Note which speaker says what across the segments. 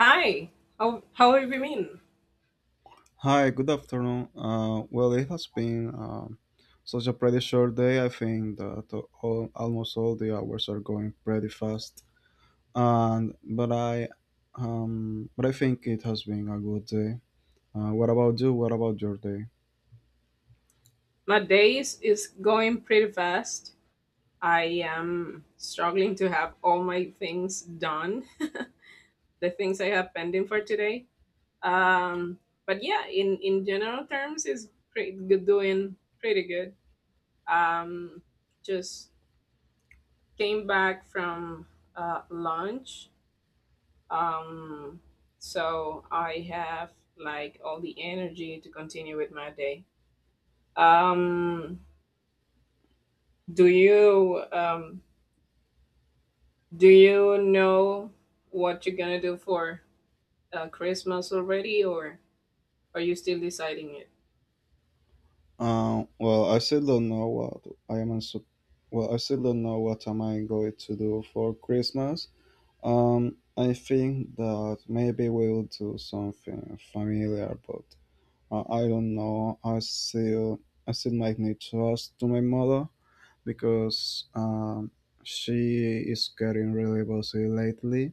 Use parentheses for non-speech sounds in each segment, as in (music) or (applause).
Speaker 1: Hi, how have you been?
Speaker 2: Hi, good afternoon. Well, it has been such a pretty short day. I think that almost all the hours are going pretty fast. And but I think it has been a good day. What about you? What about your day?
Speaker 1: My days is going pretty fast. I am struggling to have all my things done, the things I have pending for today. Um, but yeah, in general terms, is pretty good, doing pretty good. Um, just came back from lunch, um, so I have like all the energy to continue with my day. Um, do you do you know what you're gonna do for christmas already, or are you still deciding it?
Speaker 2: Well, I still don't know what I am. Well, I still don't know what am I going to do for Christmas. I think that maybe we'll do something familiar, but I don't know. I still might need to ask to my mother because she is getting really busy lately.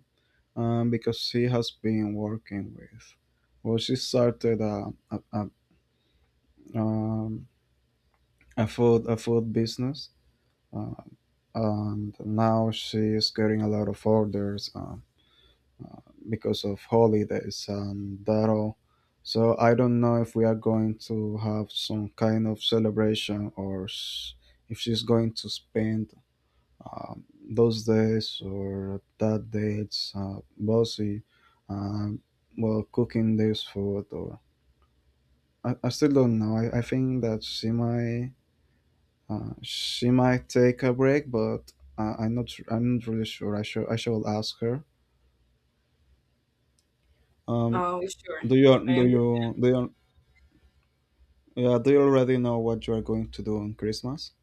Speaker 2: Because she has been working with, well, she started um, a food business, uh, and now she is getting a lot of orders. Because of holidays and that all. So I don't know if we are going to have some kind of celebration or if she's going to spend those days or that dates bossy, um, while cooking this food or I still don't know. I think that she might take a break, but I'm not really sure. I shall ask her. Um,
Speaker 1: Oh, sure. I am.
Speaker 2: do you Yeah, do you already know what you are going to do on Christmas?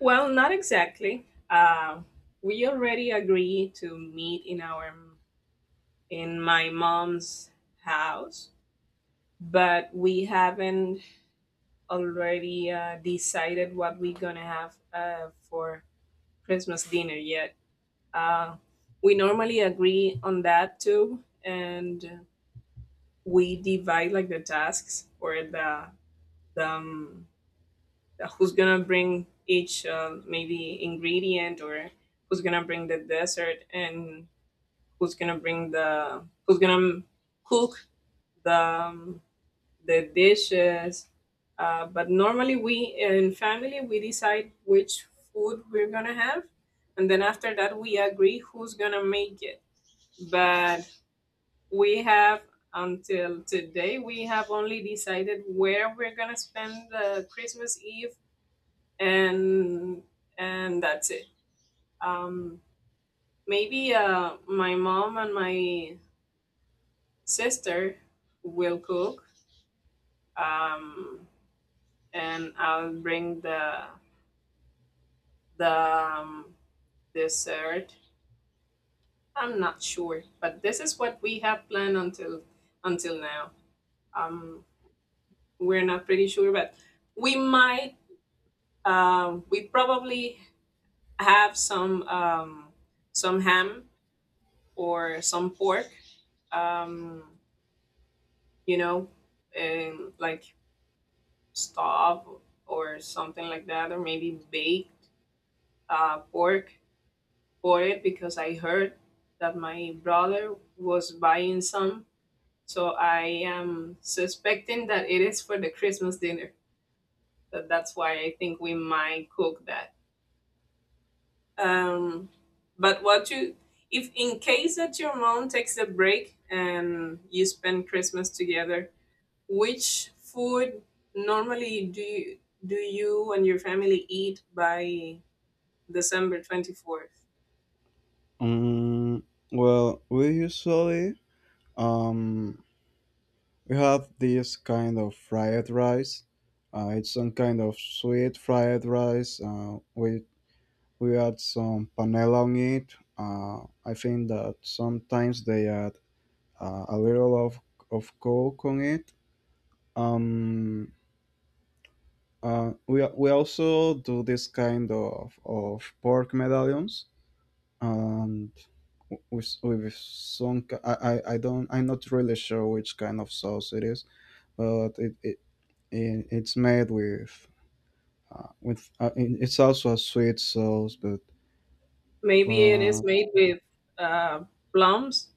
Speaker 1: Well, not exactly. We already agreed to meet in our, in my mom's house, but we haven't already decided what we're gonna have for christmas dinner yet. Uh, we normally agree on that too, and we divide like the tasks or the who's gonna bring each maybe ingredient, or who's gonna bring the dessert, and who's gonna bring the, who's gonna cook the um, the dishes. But normally, we in family we decide which food we're gonna have, and then after that we agree who's gonna make it. But we have, until today we have only decided where we're gonna spend christmas eve, and and that's it. um Maybe my mom and my sister will cook, um and I'll bring the the dessert. I'm not sure, but this is what we have planned until now. um we're not pretty sure, but we might, we probably have some ham or some pork. Um, you know, and like stuffed or something like that, or maybe baked pork for it, because I heard that my brother was buying some. So I am suspecting that it is for the Christmas dinner. So that's why I think we might cook that. Um, but what you, if in case that your mom takes a break and you spend Christmas together, which food normally do you and your family eat by December 24th?
Speaker 2: Um, well, we usually um, we have this kind of fried rice. It's some kind of sweet fried rice. We add some panela on it. I think that sometimes they add a little of coke on it. Um, we also do this kind of pork medallions. Um, with some ki- I don't I'm not really sure which kind of sauce it is, but it's made with it's also a sweet sauce, but
Speaker 1: Maybe it is
Speaker 2: uh,
Speaker 1: made with uh, plums.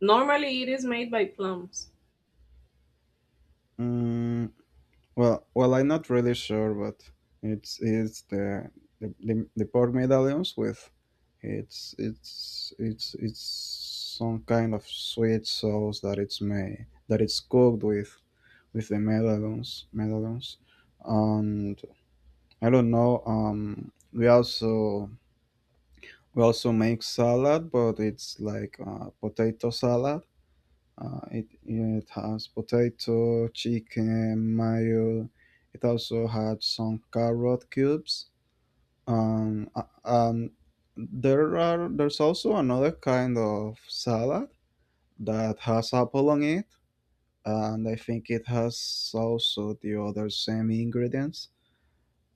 Speaker 1: Normally, it is made by plums.
Speaker 2: mm, well I'm not really sure, but it's the pork medallions with it's some kind of sweet sauce that it's made that it's cooked with the medallions and I don't know. We also make salad, but it's like potato salad. It has potato, chicken, mayo. It also had some carrot cubes. Um, uh, um, there's also another kind of salad that has apple on it, and I think it has also the other same ingredients.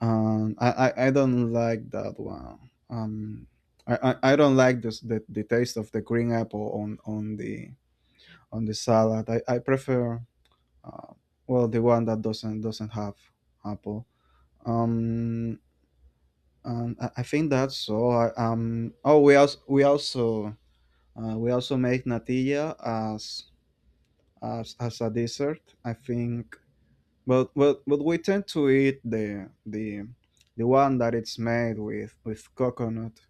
Speaker 2: I don't like that one. I don't like this the taste of the green apple on the salad. I prefer uh, well the one that doesn't have apple. Um, I think that's all. Oh, we also make natilla as as a dessert. I think But we tend to eat the one that it's made with coconut.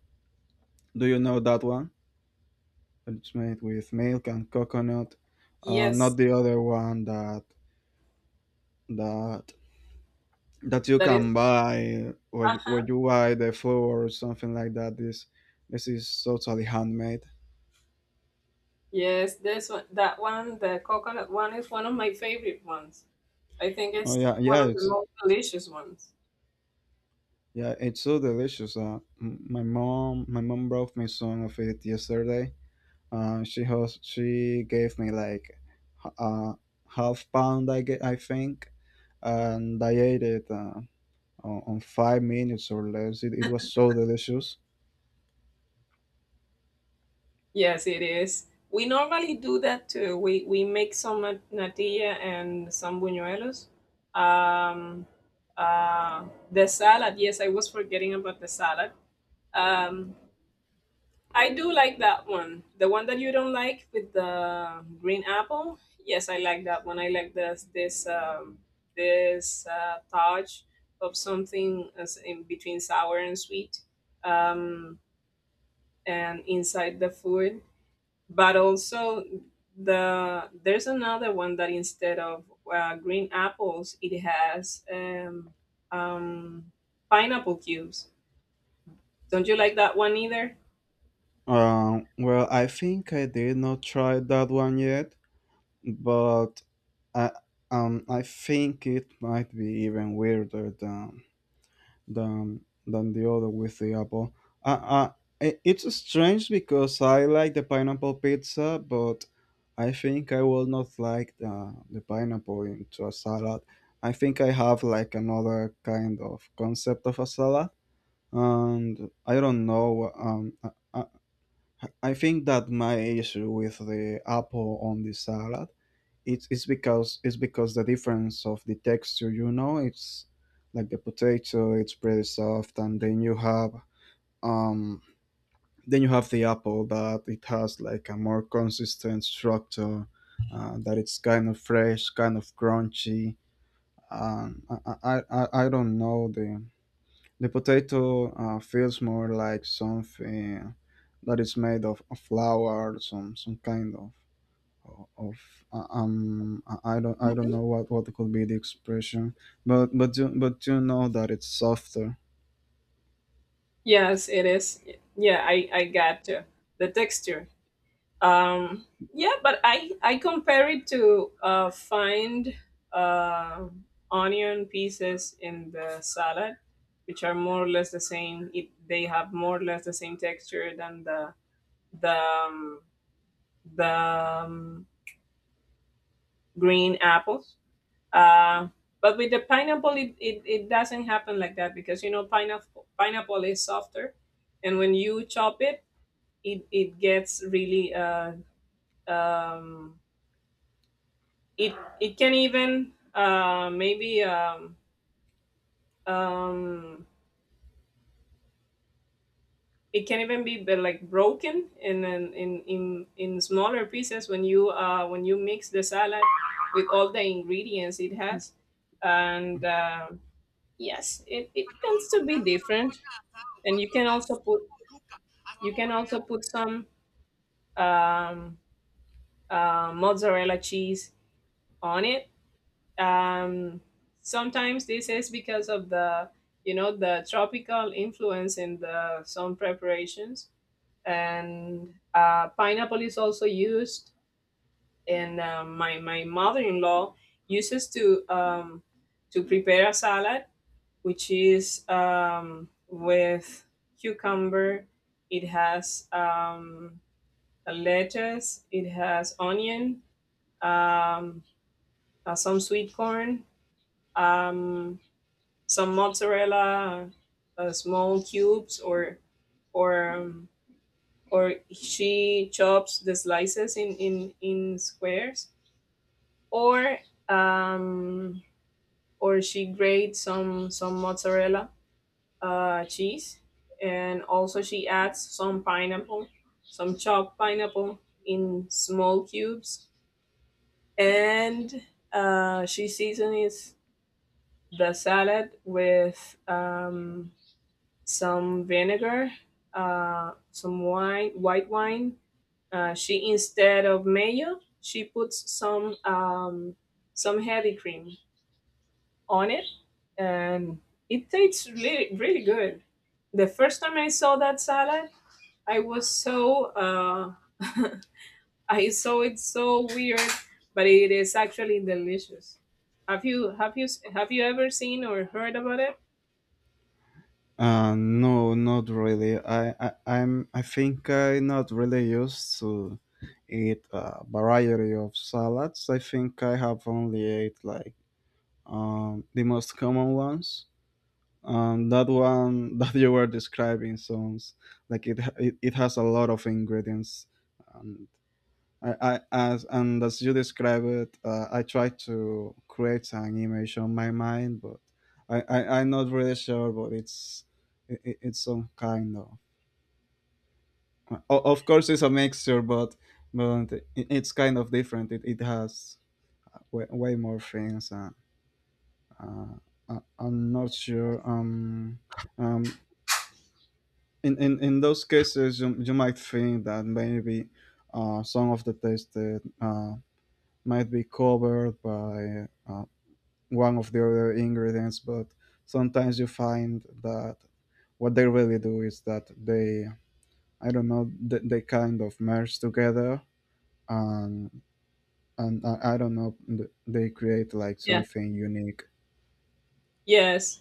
Speaker 2: Do you know that one? It's made with milk and coconut,
Speaker 1: Yes,
Speaker 2: not the other one that that that you
Speaker 1: that is.
Speaker 2: can buy or or
Speaker 1: (laughs)
Speaker 2: you buy the flour or something like that. This is totally handmade.
Speaker 1: Yes, this one, that one, the coconut one is one of my favorite ones. I think
Speaker 2: Oh
Speaker 1: it's
Speaker 2: yeah
Speaker 1: one
Speaker 2: yeah
Speaker 1: of the
Speaker 2: it's
Speaker 1: most delicious ones.
Speaker 2: yeah, it's so delicious. My mom brought me some of it yesterday. She gave me like h- uh, half pound, I think, and I ate it on 5 minutes or less. It was so delicious.
Speaker 1: Yes, it is. We normally do that too. We make some nat- natilla and some buñuelos. Um, uh, the salad. Yes, I was forgetting about the salad. Um, I do like that one. The one that you don't like with the green apple. Yes, I like that one. I like this touch of something as in between sour and sweet, um, and inside the food. But also the there's another one that instead of green apples, it has um, pineapple cubes. Don't you like that one either?
Speaker 2: Well, I think I did not try that one yet, but I, I think it might be even weirder than the other with the apple. Uh, uh, it's strange because I like the pineapple pizza, but I think I will not like the pineapple into a salad. I think I have like another kind of concept of a salad, and I don't know. I think that my issue with the apple on the salad it's because the difference of the texture, you know. It's like the potato, it's pretty soft and um then you have the apple that it has like a more consistent structure that it's kind of fresh, kind of crunchy. I don't know, the potato feels more like something that is made of flour, some kind of I don't know what could be the expression, but but you know that it's softer.
Speaker 1: Yes, it is. Yeah, I got the texture. Um, yeah, but I compare it to find uh, onion pieces in the salad, which are more or less the same. It, they have more or less the same texture than the um, the green apples. Uh, but with the pineapple, it doesn't happen like that, because you know pineapple pineapple is softer, and when you chop it it it gets really um, it it can even maybe um, it can even be like broken in smaller pieces when you mix the salad with all the ingredients it has, and yes it, it tends to be different. And you can also put, you can also put some um, mozzarella cheese on it. um, Sometimes this is because of the, you know, the tropical influence in the some preparations, and pineapple is also used. And my, my mother-in-law uses to prepare a salad, which is with cucumber, it has a lettuce, it has onion, um, some sweet corn, um, some mozzarella small cubes, or or she chops the slices in squares, or um or she grates some mozzarella cheese. And also she adds some pineapple, some chopped pineapple in small cubes, and she seasons the salad with some vinegar, some wine, white wine. She, instead of mayo, she puts some heavy cream on it, and it tastes really really good. The first time I saw that salad, I was so (laughs) I saw it so weird, but it is actually delicious. Have you have you ever seen or heard about it?
Speaker 2: No, not really. I think I not really used to eat a variety of salads. I think I have only ate like the most common ones. That one (laughs) that you were describing sounds like it has a lot of ingredients. Um, I As and as you describe it, I try to create an image on my mind, but I'm not really sure. But it's some kind of of course it's a mixture, but it's kind of different. It has way more things. And, uh, I'm not sure. Um. In, in those cases, you might think that maybe some of the text that might be covered by one of the other ingredients, but sometimes you find that what they really do is that I don't know, they kind of merge together and I don't know, they create like
Speaker 1: Yeah.
Speaker 2: something unique.
Speaker 1: Yes.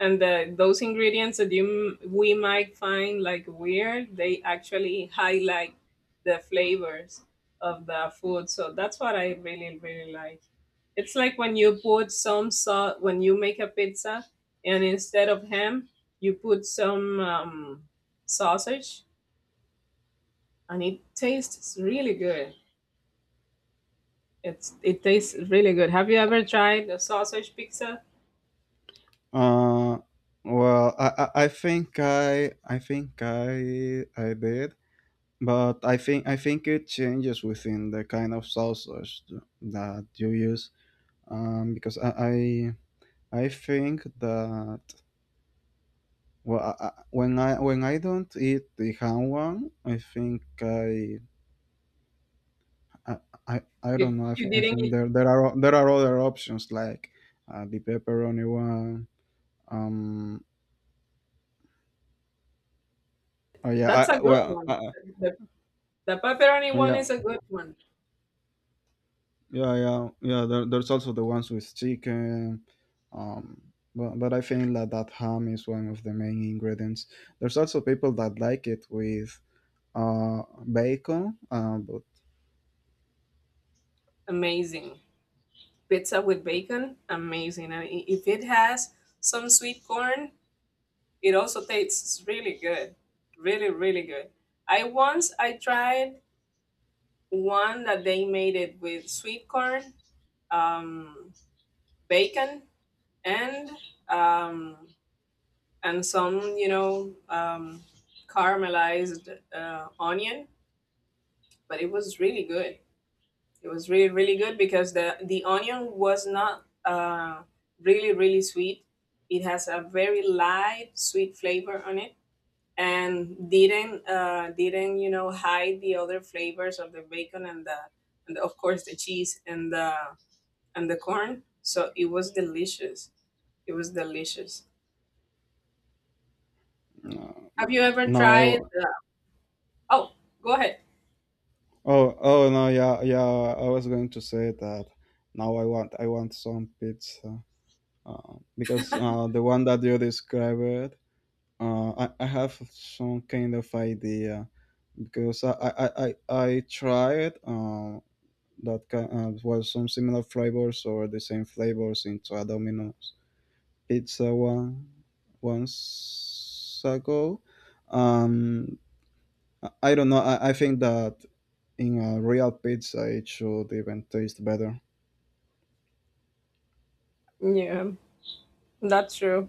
Speaker 1: And the, those ingredients that you m- we might find like weird, they actually highlight the flavors of the food, so that's what I really really like. It's like when you put some salt, when you make a pizza and instead of ham you put some sausage, and it tastes really good. It's it tastes really good. Have you ever tried a sausage pizza?
Speaker 2: Uh, well, I think I think I did, but I think it changes within the kind of sauces that you use. Um, because I I think that well, when I don't eat the hanwan, I, I
Speaker 1: you,
Speaker 2: don't know.
Speaker 1: you
Speaker 2: I
Speaker 1: didn't
Speaker 2: think
Speaker 1: eat.
Speaker 2: there there are other options like the pepperoni one. Um. Oh yeah.
Speaker 1: That's a good
Speaker 2: Well.
Speaker 1: one. the, the pepperoni one
Speaker 2: Yeah.
Speaker 1: is a good one.
Speaker 2: Yeah. Yeah. Yeah. There, there's also the ones with chicken. Um. But I think that that ham is one of the main ingredients. There's also people that like it with uh bacon. But
Speaker 1: Amazing. Pizza with bacon, amazing. And I- if it has some sweet corn, it also tastes really good. Really, really good. I once I tried one that they made it with sweet corn, um, bacon, and um, and some you know caramelized onion, but it was really good. It was really really good because the onion was not really really sweet. It has a very light sweet flavor on it, and didn't you know hide the other flavors of the bacon and the, and of course the cheese and the corn. So it was delicious. It was delicious.
Speaker 2: uh,
Speaker 1: Have you ever
Speaker 2: no, I.
Speaker 1: tried? Oh, go ahead.
Speaker 2: Oh, no, yeah, yeah. I was going to say that. Now I want some pizza because the one that you described, I, have some kind of idea because I tried that kind well some similar flavors or the same flavors into a Domino's pizza one once ago. Um, I don't know. I think that in a real pizza, it should even taste better.
Speaker 1: Yeah, that's true.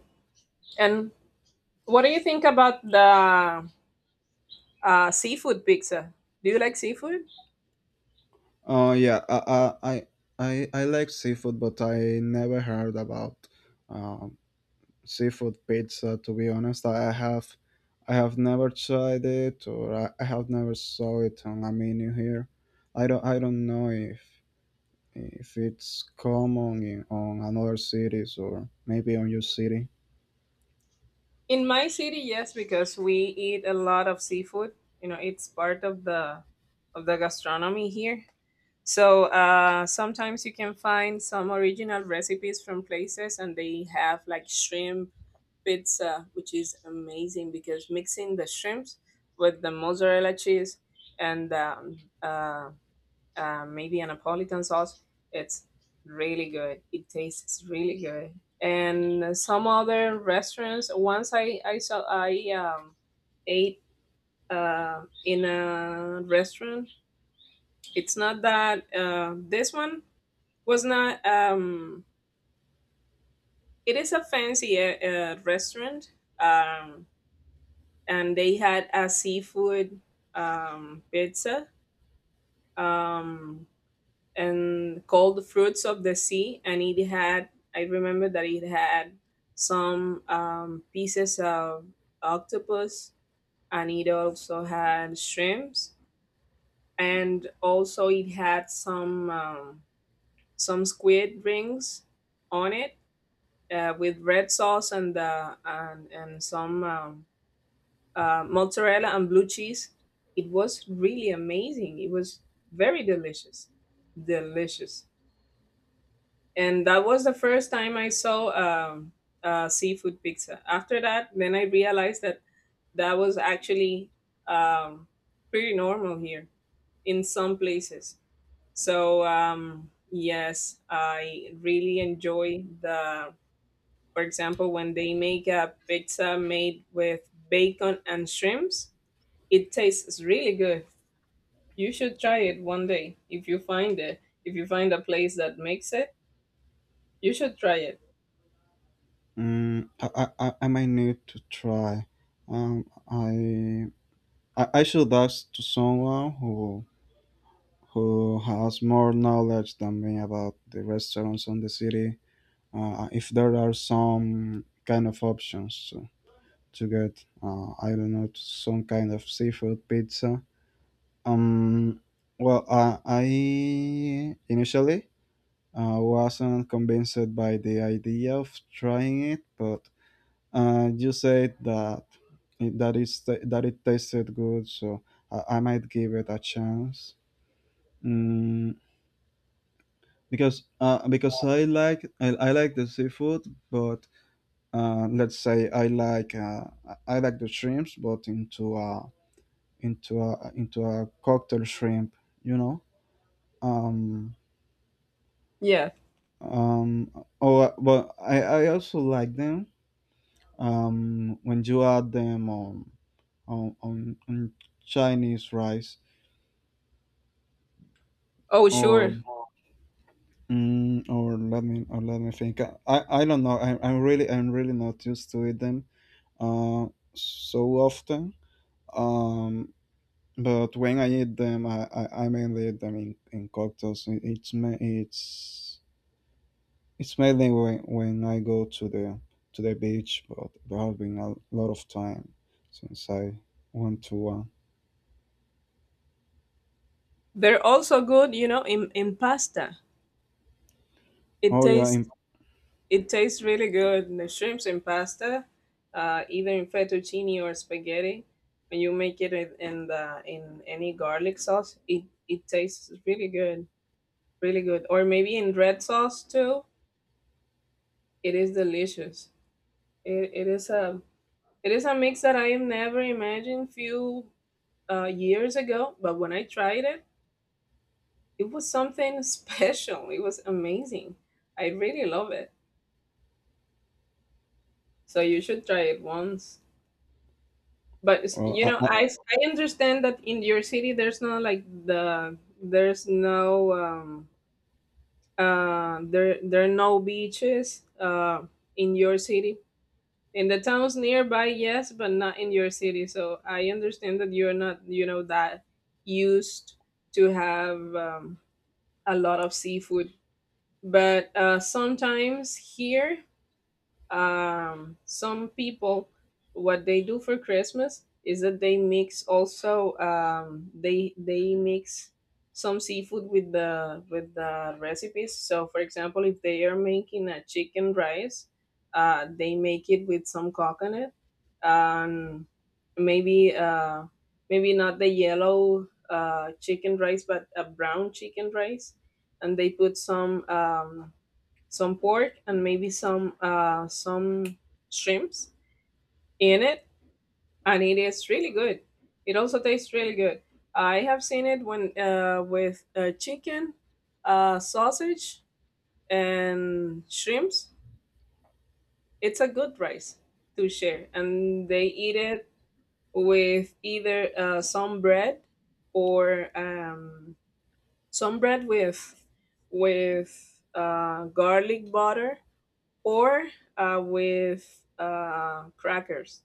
Speaker 1: And what do you think about the seafood pizza. Do you like seafood?
Speaker 2: Oh, yeah, I, I like seafood, but I never heard about um, seafood pizza. To be honest, I have never tried it, or I have never saw it on a menu here. I don't know if it's common in on another cities or maybe on your city.
Speaker 1: In my city, yes, because we eat a lot of seafood. You know, it's part of the, of the gastronomy here. So sometimes you can find some original recipes from places, and they have like shrimp pizza, which is amazing, because mixing the shrimps with the mozzarella cheese and maybe a Napolitan sauce, it's really good. It tastes really good. And some other restaurants. Once I saw I ate in a restaurant. It's not that this one was not. It is a fancy restaurant. Um, and they had a seafood pizza, um, and called the fruits of the sea, and it had, I remember that it had some pieces of octopus, and it also had shrimps, and also it had some some squid rings on it with red sauce and the, and some mozzarella and blue cheese. It was really amazing. It was very delicious, delicious. And that was the first time I saw seafood pizza. After that, then I realized that that was actually um, pretty normal here in some places. So yes, I really enjoy the. For example, when they make a pizza made with bacon and shrimps, it tastes really good. You should try it one day if you find it. If you find a place that makes it, you should try it.
Speaker 2: I might need to try. Um, I I should ask to someone who has more knowledge than me about the restaurants on the city, if there are some kind of options to get I don't know some kind of seafood pizza. Um, I initially wasn't convinced by the idea of trying it, but you said that it's, that it tasted good, so I might give it a chance. Mm, because I like I like the seafood, but let's say I like I I like the shrimps, but into a into a cocktail shrimp, you know. Um,
Speaker 1: Yeah.
Speaker 2: um, oh, but I also like them. When you add them on Chinese rice
Speaker 1: Oh,
Speaker 2: or
Speaker 1: sure.
Speaker 2: or let me think. I don't know. I'm really not used to eat them uh, so often. Um, but when I eat them, I mainly eat them in cocktails. It- It's ma- It's mainly when I go to the beach, but there have been a lot of time since I went to one.
Speaker 1: They're also good, you know, in pasta. It
Speaker 2: Oh yeah,
Speaker 1: tastes
Speaker 2: in,
Speaker 1: it tastes really good. The shrimps in pasta, either in fettuccine or spaghetti, when you make it in the, in any garlic sauce, it tastes really good, really good. Or maybe in red sauce too. It is delicious. It, it is a It is a mix that I have never imagined few years ago, but when I tried it, it was something (laughs) special. It was amazing. I really love it. So you should try it once. But s-
Speaker 2: oh,
Speaker 1: you know, I understand that in your city there's no like the, there's no there there are no beaches in your city. In the towns nearby yes, but not in your city, so I understand that you're not, you know, that used to have a lot of seafood. But sometimes here some people, what they do for christmas is that they mix also they mix some seafood with the, with the recipes. So for example, if they are making a chicken rice, they make it with some coconut, um, maybe maybe not the yellow chicken rice, but a brown chicken rice. And they put some pork, and maybe some shrimps in it, and it is really good. It also tastes really good. I have seen it when with chicken, sausage, and shrimps. It's a good rice to share, and they eat it with either some bread or some bread with garlic butter or with crackers.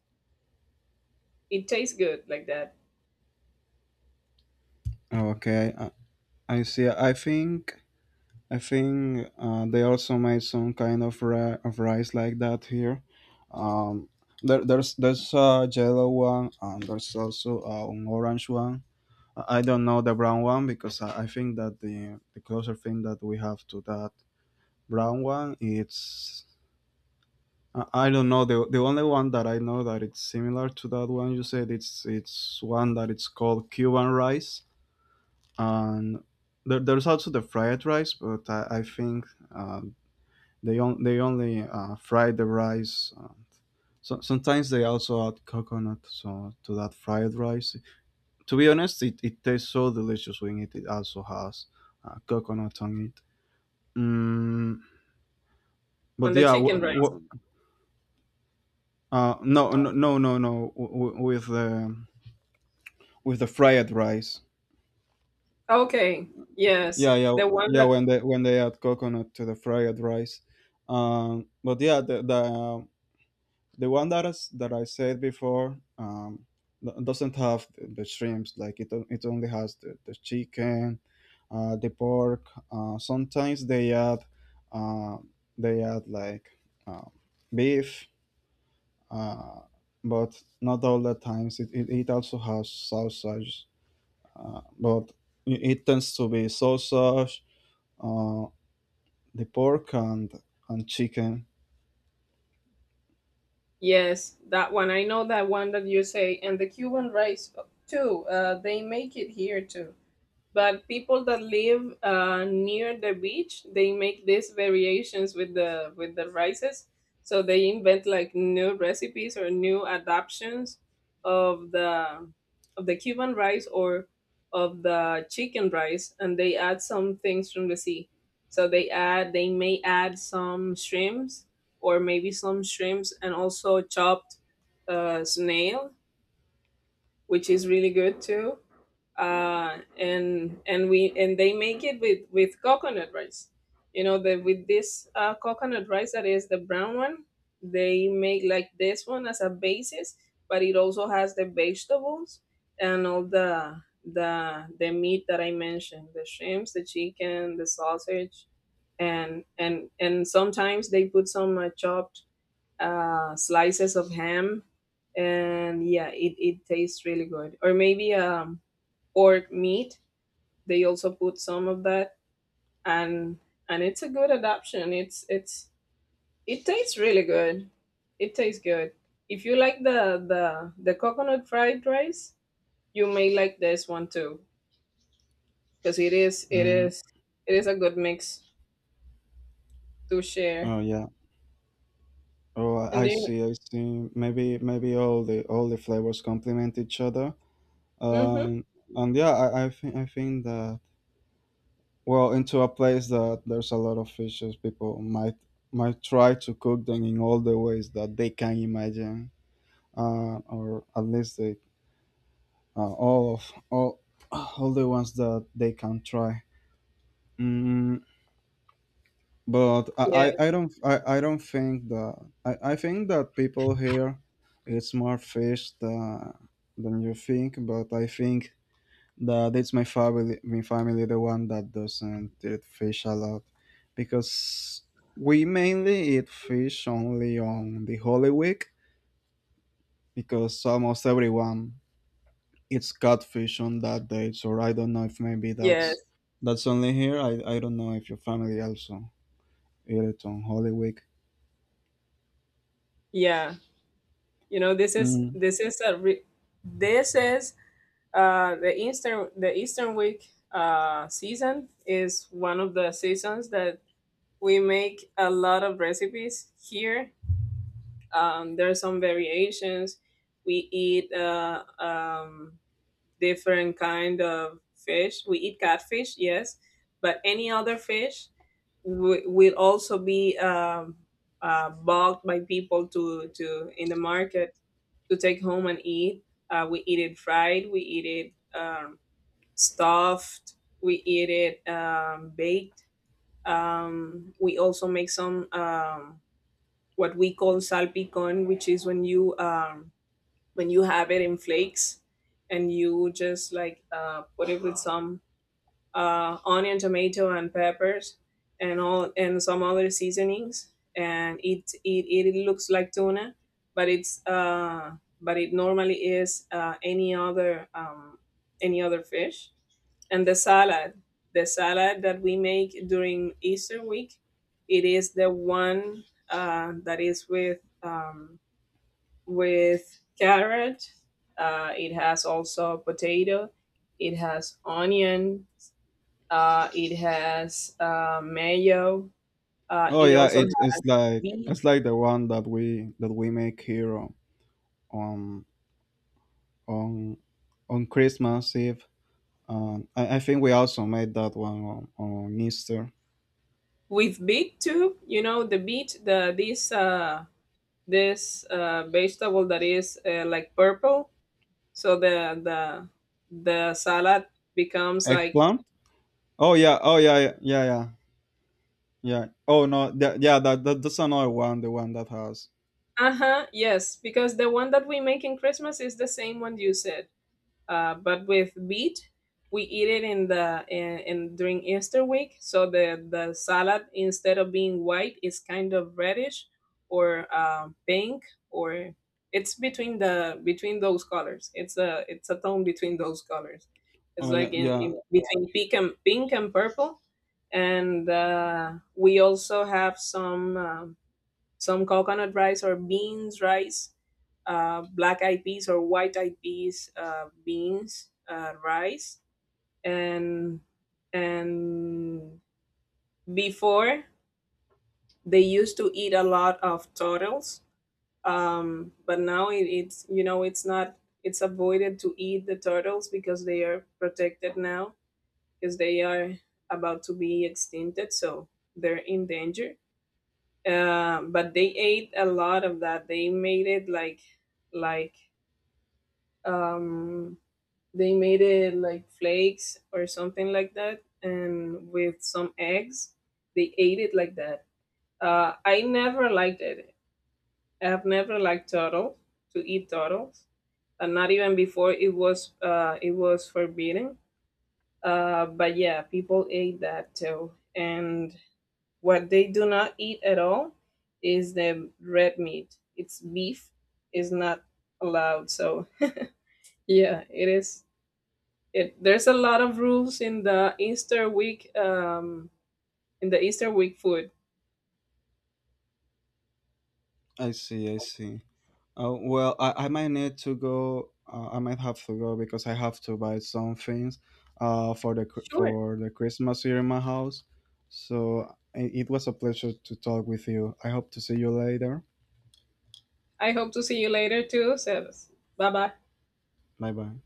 Speaker 1: It tastes good like that
Speaker 2: I, Okay. I see. I think they also made some kind of of rice like that here. Um, there's a yellow one and there's also an orange one. I don't know the brown one because I think that the closer thing that we have to that brown one it's I don't know the only one that I know that it's similar to that one you said, it's one that it's called Cuban rice, and there's also the fried rice but I think. Uh, they only fry the rice. Sometimes they also add coconut so to that fried rice. To be honest, it tastes so delicious when it also has coconut on it. Mm,
Speaker 1: on
Speaker 2: but
Speaker 1: the
Speaker 2: yeah, w-
Speaker 1: chicken rice.
Speaker 2: w- No, with the fried rice.
Speaker 1: Okay, yes, the one
Speaker 2: Yeah.
Speaker 1: that
Speaker 2: When they add coconut to the fried rice, but yeah, the one that is, that I said before, doesn't have the shrimps. Like it only has the chicken, the pork. Sometimes uh, they add like uh, beef, uh, but not all the times. It also has sausage, but it tends to be sausage, uh, the pork and chicken.
Speaker 1: yes, that one. I know that one that you say, and the Cuban rice too. They make it here too, but people that live near the beach, they make these variations with the rices, so they invent like new recipes or new adaptations of the Cuban rice or of the chicken rice, and they add some things from the sea, so they may add some shrimps, or maybe some shrimps and also chopped snail, which is really good too. And we and they make it with coconut rice. You know, the with this coconut rice that is the brown one, they make like this one as a basis, but it also has the vegetables and all the meat that I mentioned: the shrimps, the chicken, the sausage, and sometimes they put some chopped slices of ham, and yeah, it tastes really good. Or maybe or meat, they also put some of that. And it's a good adoption. It's it tastes really good. It tastes good. If you like the coconut fried rice, you may like this one too, because it is it
Speaker 2: Mm,
Speaker 1: is it is a good mix to share.
Speaker 2: oh yeah. Oh,
Speaker 1: And do you
Speaker 2: I see. Maybe all the flavors complement each other.
Speaker 1: mm-hmm,
Speaker 2: Um, and yeah, I think that well, into a place that there's a lot of fishes, people might try to cook them in all the ways that they can imagine, or at least they all of all the ones that they can try. Mm, but
Speaker 1: yes
Speaker 2: I don't think that I think that people here it's more fish than you think, but I think that it's my family, my family the one that doesn't eat fish a lot because we mainly eat fish only on the Holy Week because almost everyone eats catfish on that day. So I don't know if maybe
Speaker 1: yes
Speaker 2: that's only here. I don't know if your family also eat it on Holy Week.
Speaker 1: yeah, you know,
Speaker 2: Mm.
Speaker 1: this is a re- this is the Eastern Week season is one of the seasons that we make a lot of recipes here. There are some variations. We eat different kind of fish. We eat catfish, yes, but any other fish will also be bought by people to in the market to take home and eat. We eat it fried. We eat it. Stuffed. We eat it baked. We also make some what we call salpicón, which is when you have it in flakes, and you just like put it with some onion, tomato, and peppers, and all and some other seasonings. And it looks like tuna, but it normally is any other fish. And the salad that we make during Easter week, it is the one that is with carrot. It has also potato. It has onion, it has mayo.
Speaker 2: Oh
Speaker 1: It
Speaker 2: yeah,
Speaker 1: also has beet.
Speaker 2: it's like the one that we make here on on, on Christmas Eve. I think we also made that one on Easter.
Speaker 1: With beet too. You know the beet, the this this vegetable that is like purple. So the salad becomes like,
Speaker 2: Eggplant. Oh yeah. Oh yeah. Yeah yeah yeah. Yeah. Oh no. That, yeah. That that's another one. The one that has.
Speaker 1: uh huh, yes, because the one that we make in Christmas is the same one you said. But with beet, we eat it in in during Easter week. So the salad, instead of being white, is kind of reddish, or pink, or it's between the between those colors. It's a tone between those colors. It's
Speaker 2: Oh
Speaker 1: like
Speaker 2: yeah yeah.
Speaker 1: in between pink and purple. And we also have some. Some coconut rice or beans rice, black eyed peas or white eyed peas, beans rice, and and before, they used to eat a lot of turtles. But now, it, it's you know, it's not it's avoided to eat the turtles because they are protected now, because they are about to be extincted, so they're in danger. But they ate a lot of that. They made it like like um flakes or something like that, and with some eggs, they ate it like that. I never liked it. I've never liked turtle, to eat turtles, and not even before it was forbidden. But yeah, people ate that too. And What they do not eat at all is the red meat. It's beef is not allowed. So yeah, it is. It There's a lot of rules in the Easter week. In the Easter week food.
Speaker 2: I see. I see. Oh, well, I might need to go. I might have to go because I have to buy some things for the
Speaker 1: Sure.
Speaker 2: for the Christmas here in my house. So it was a pleasure to talk with you. I hope to see you later.
Speaker 1: I hope to see you later too. So bye bye.
Speaker 2: Bye bye.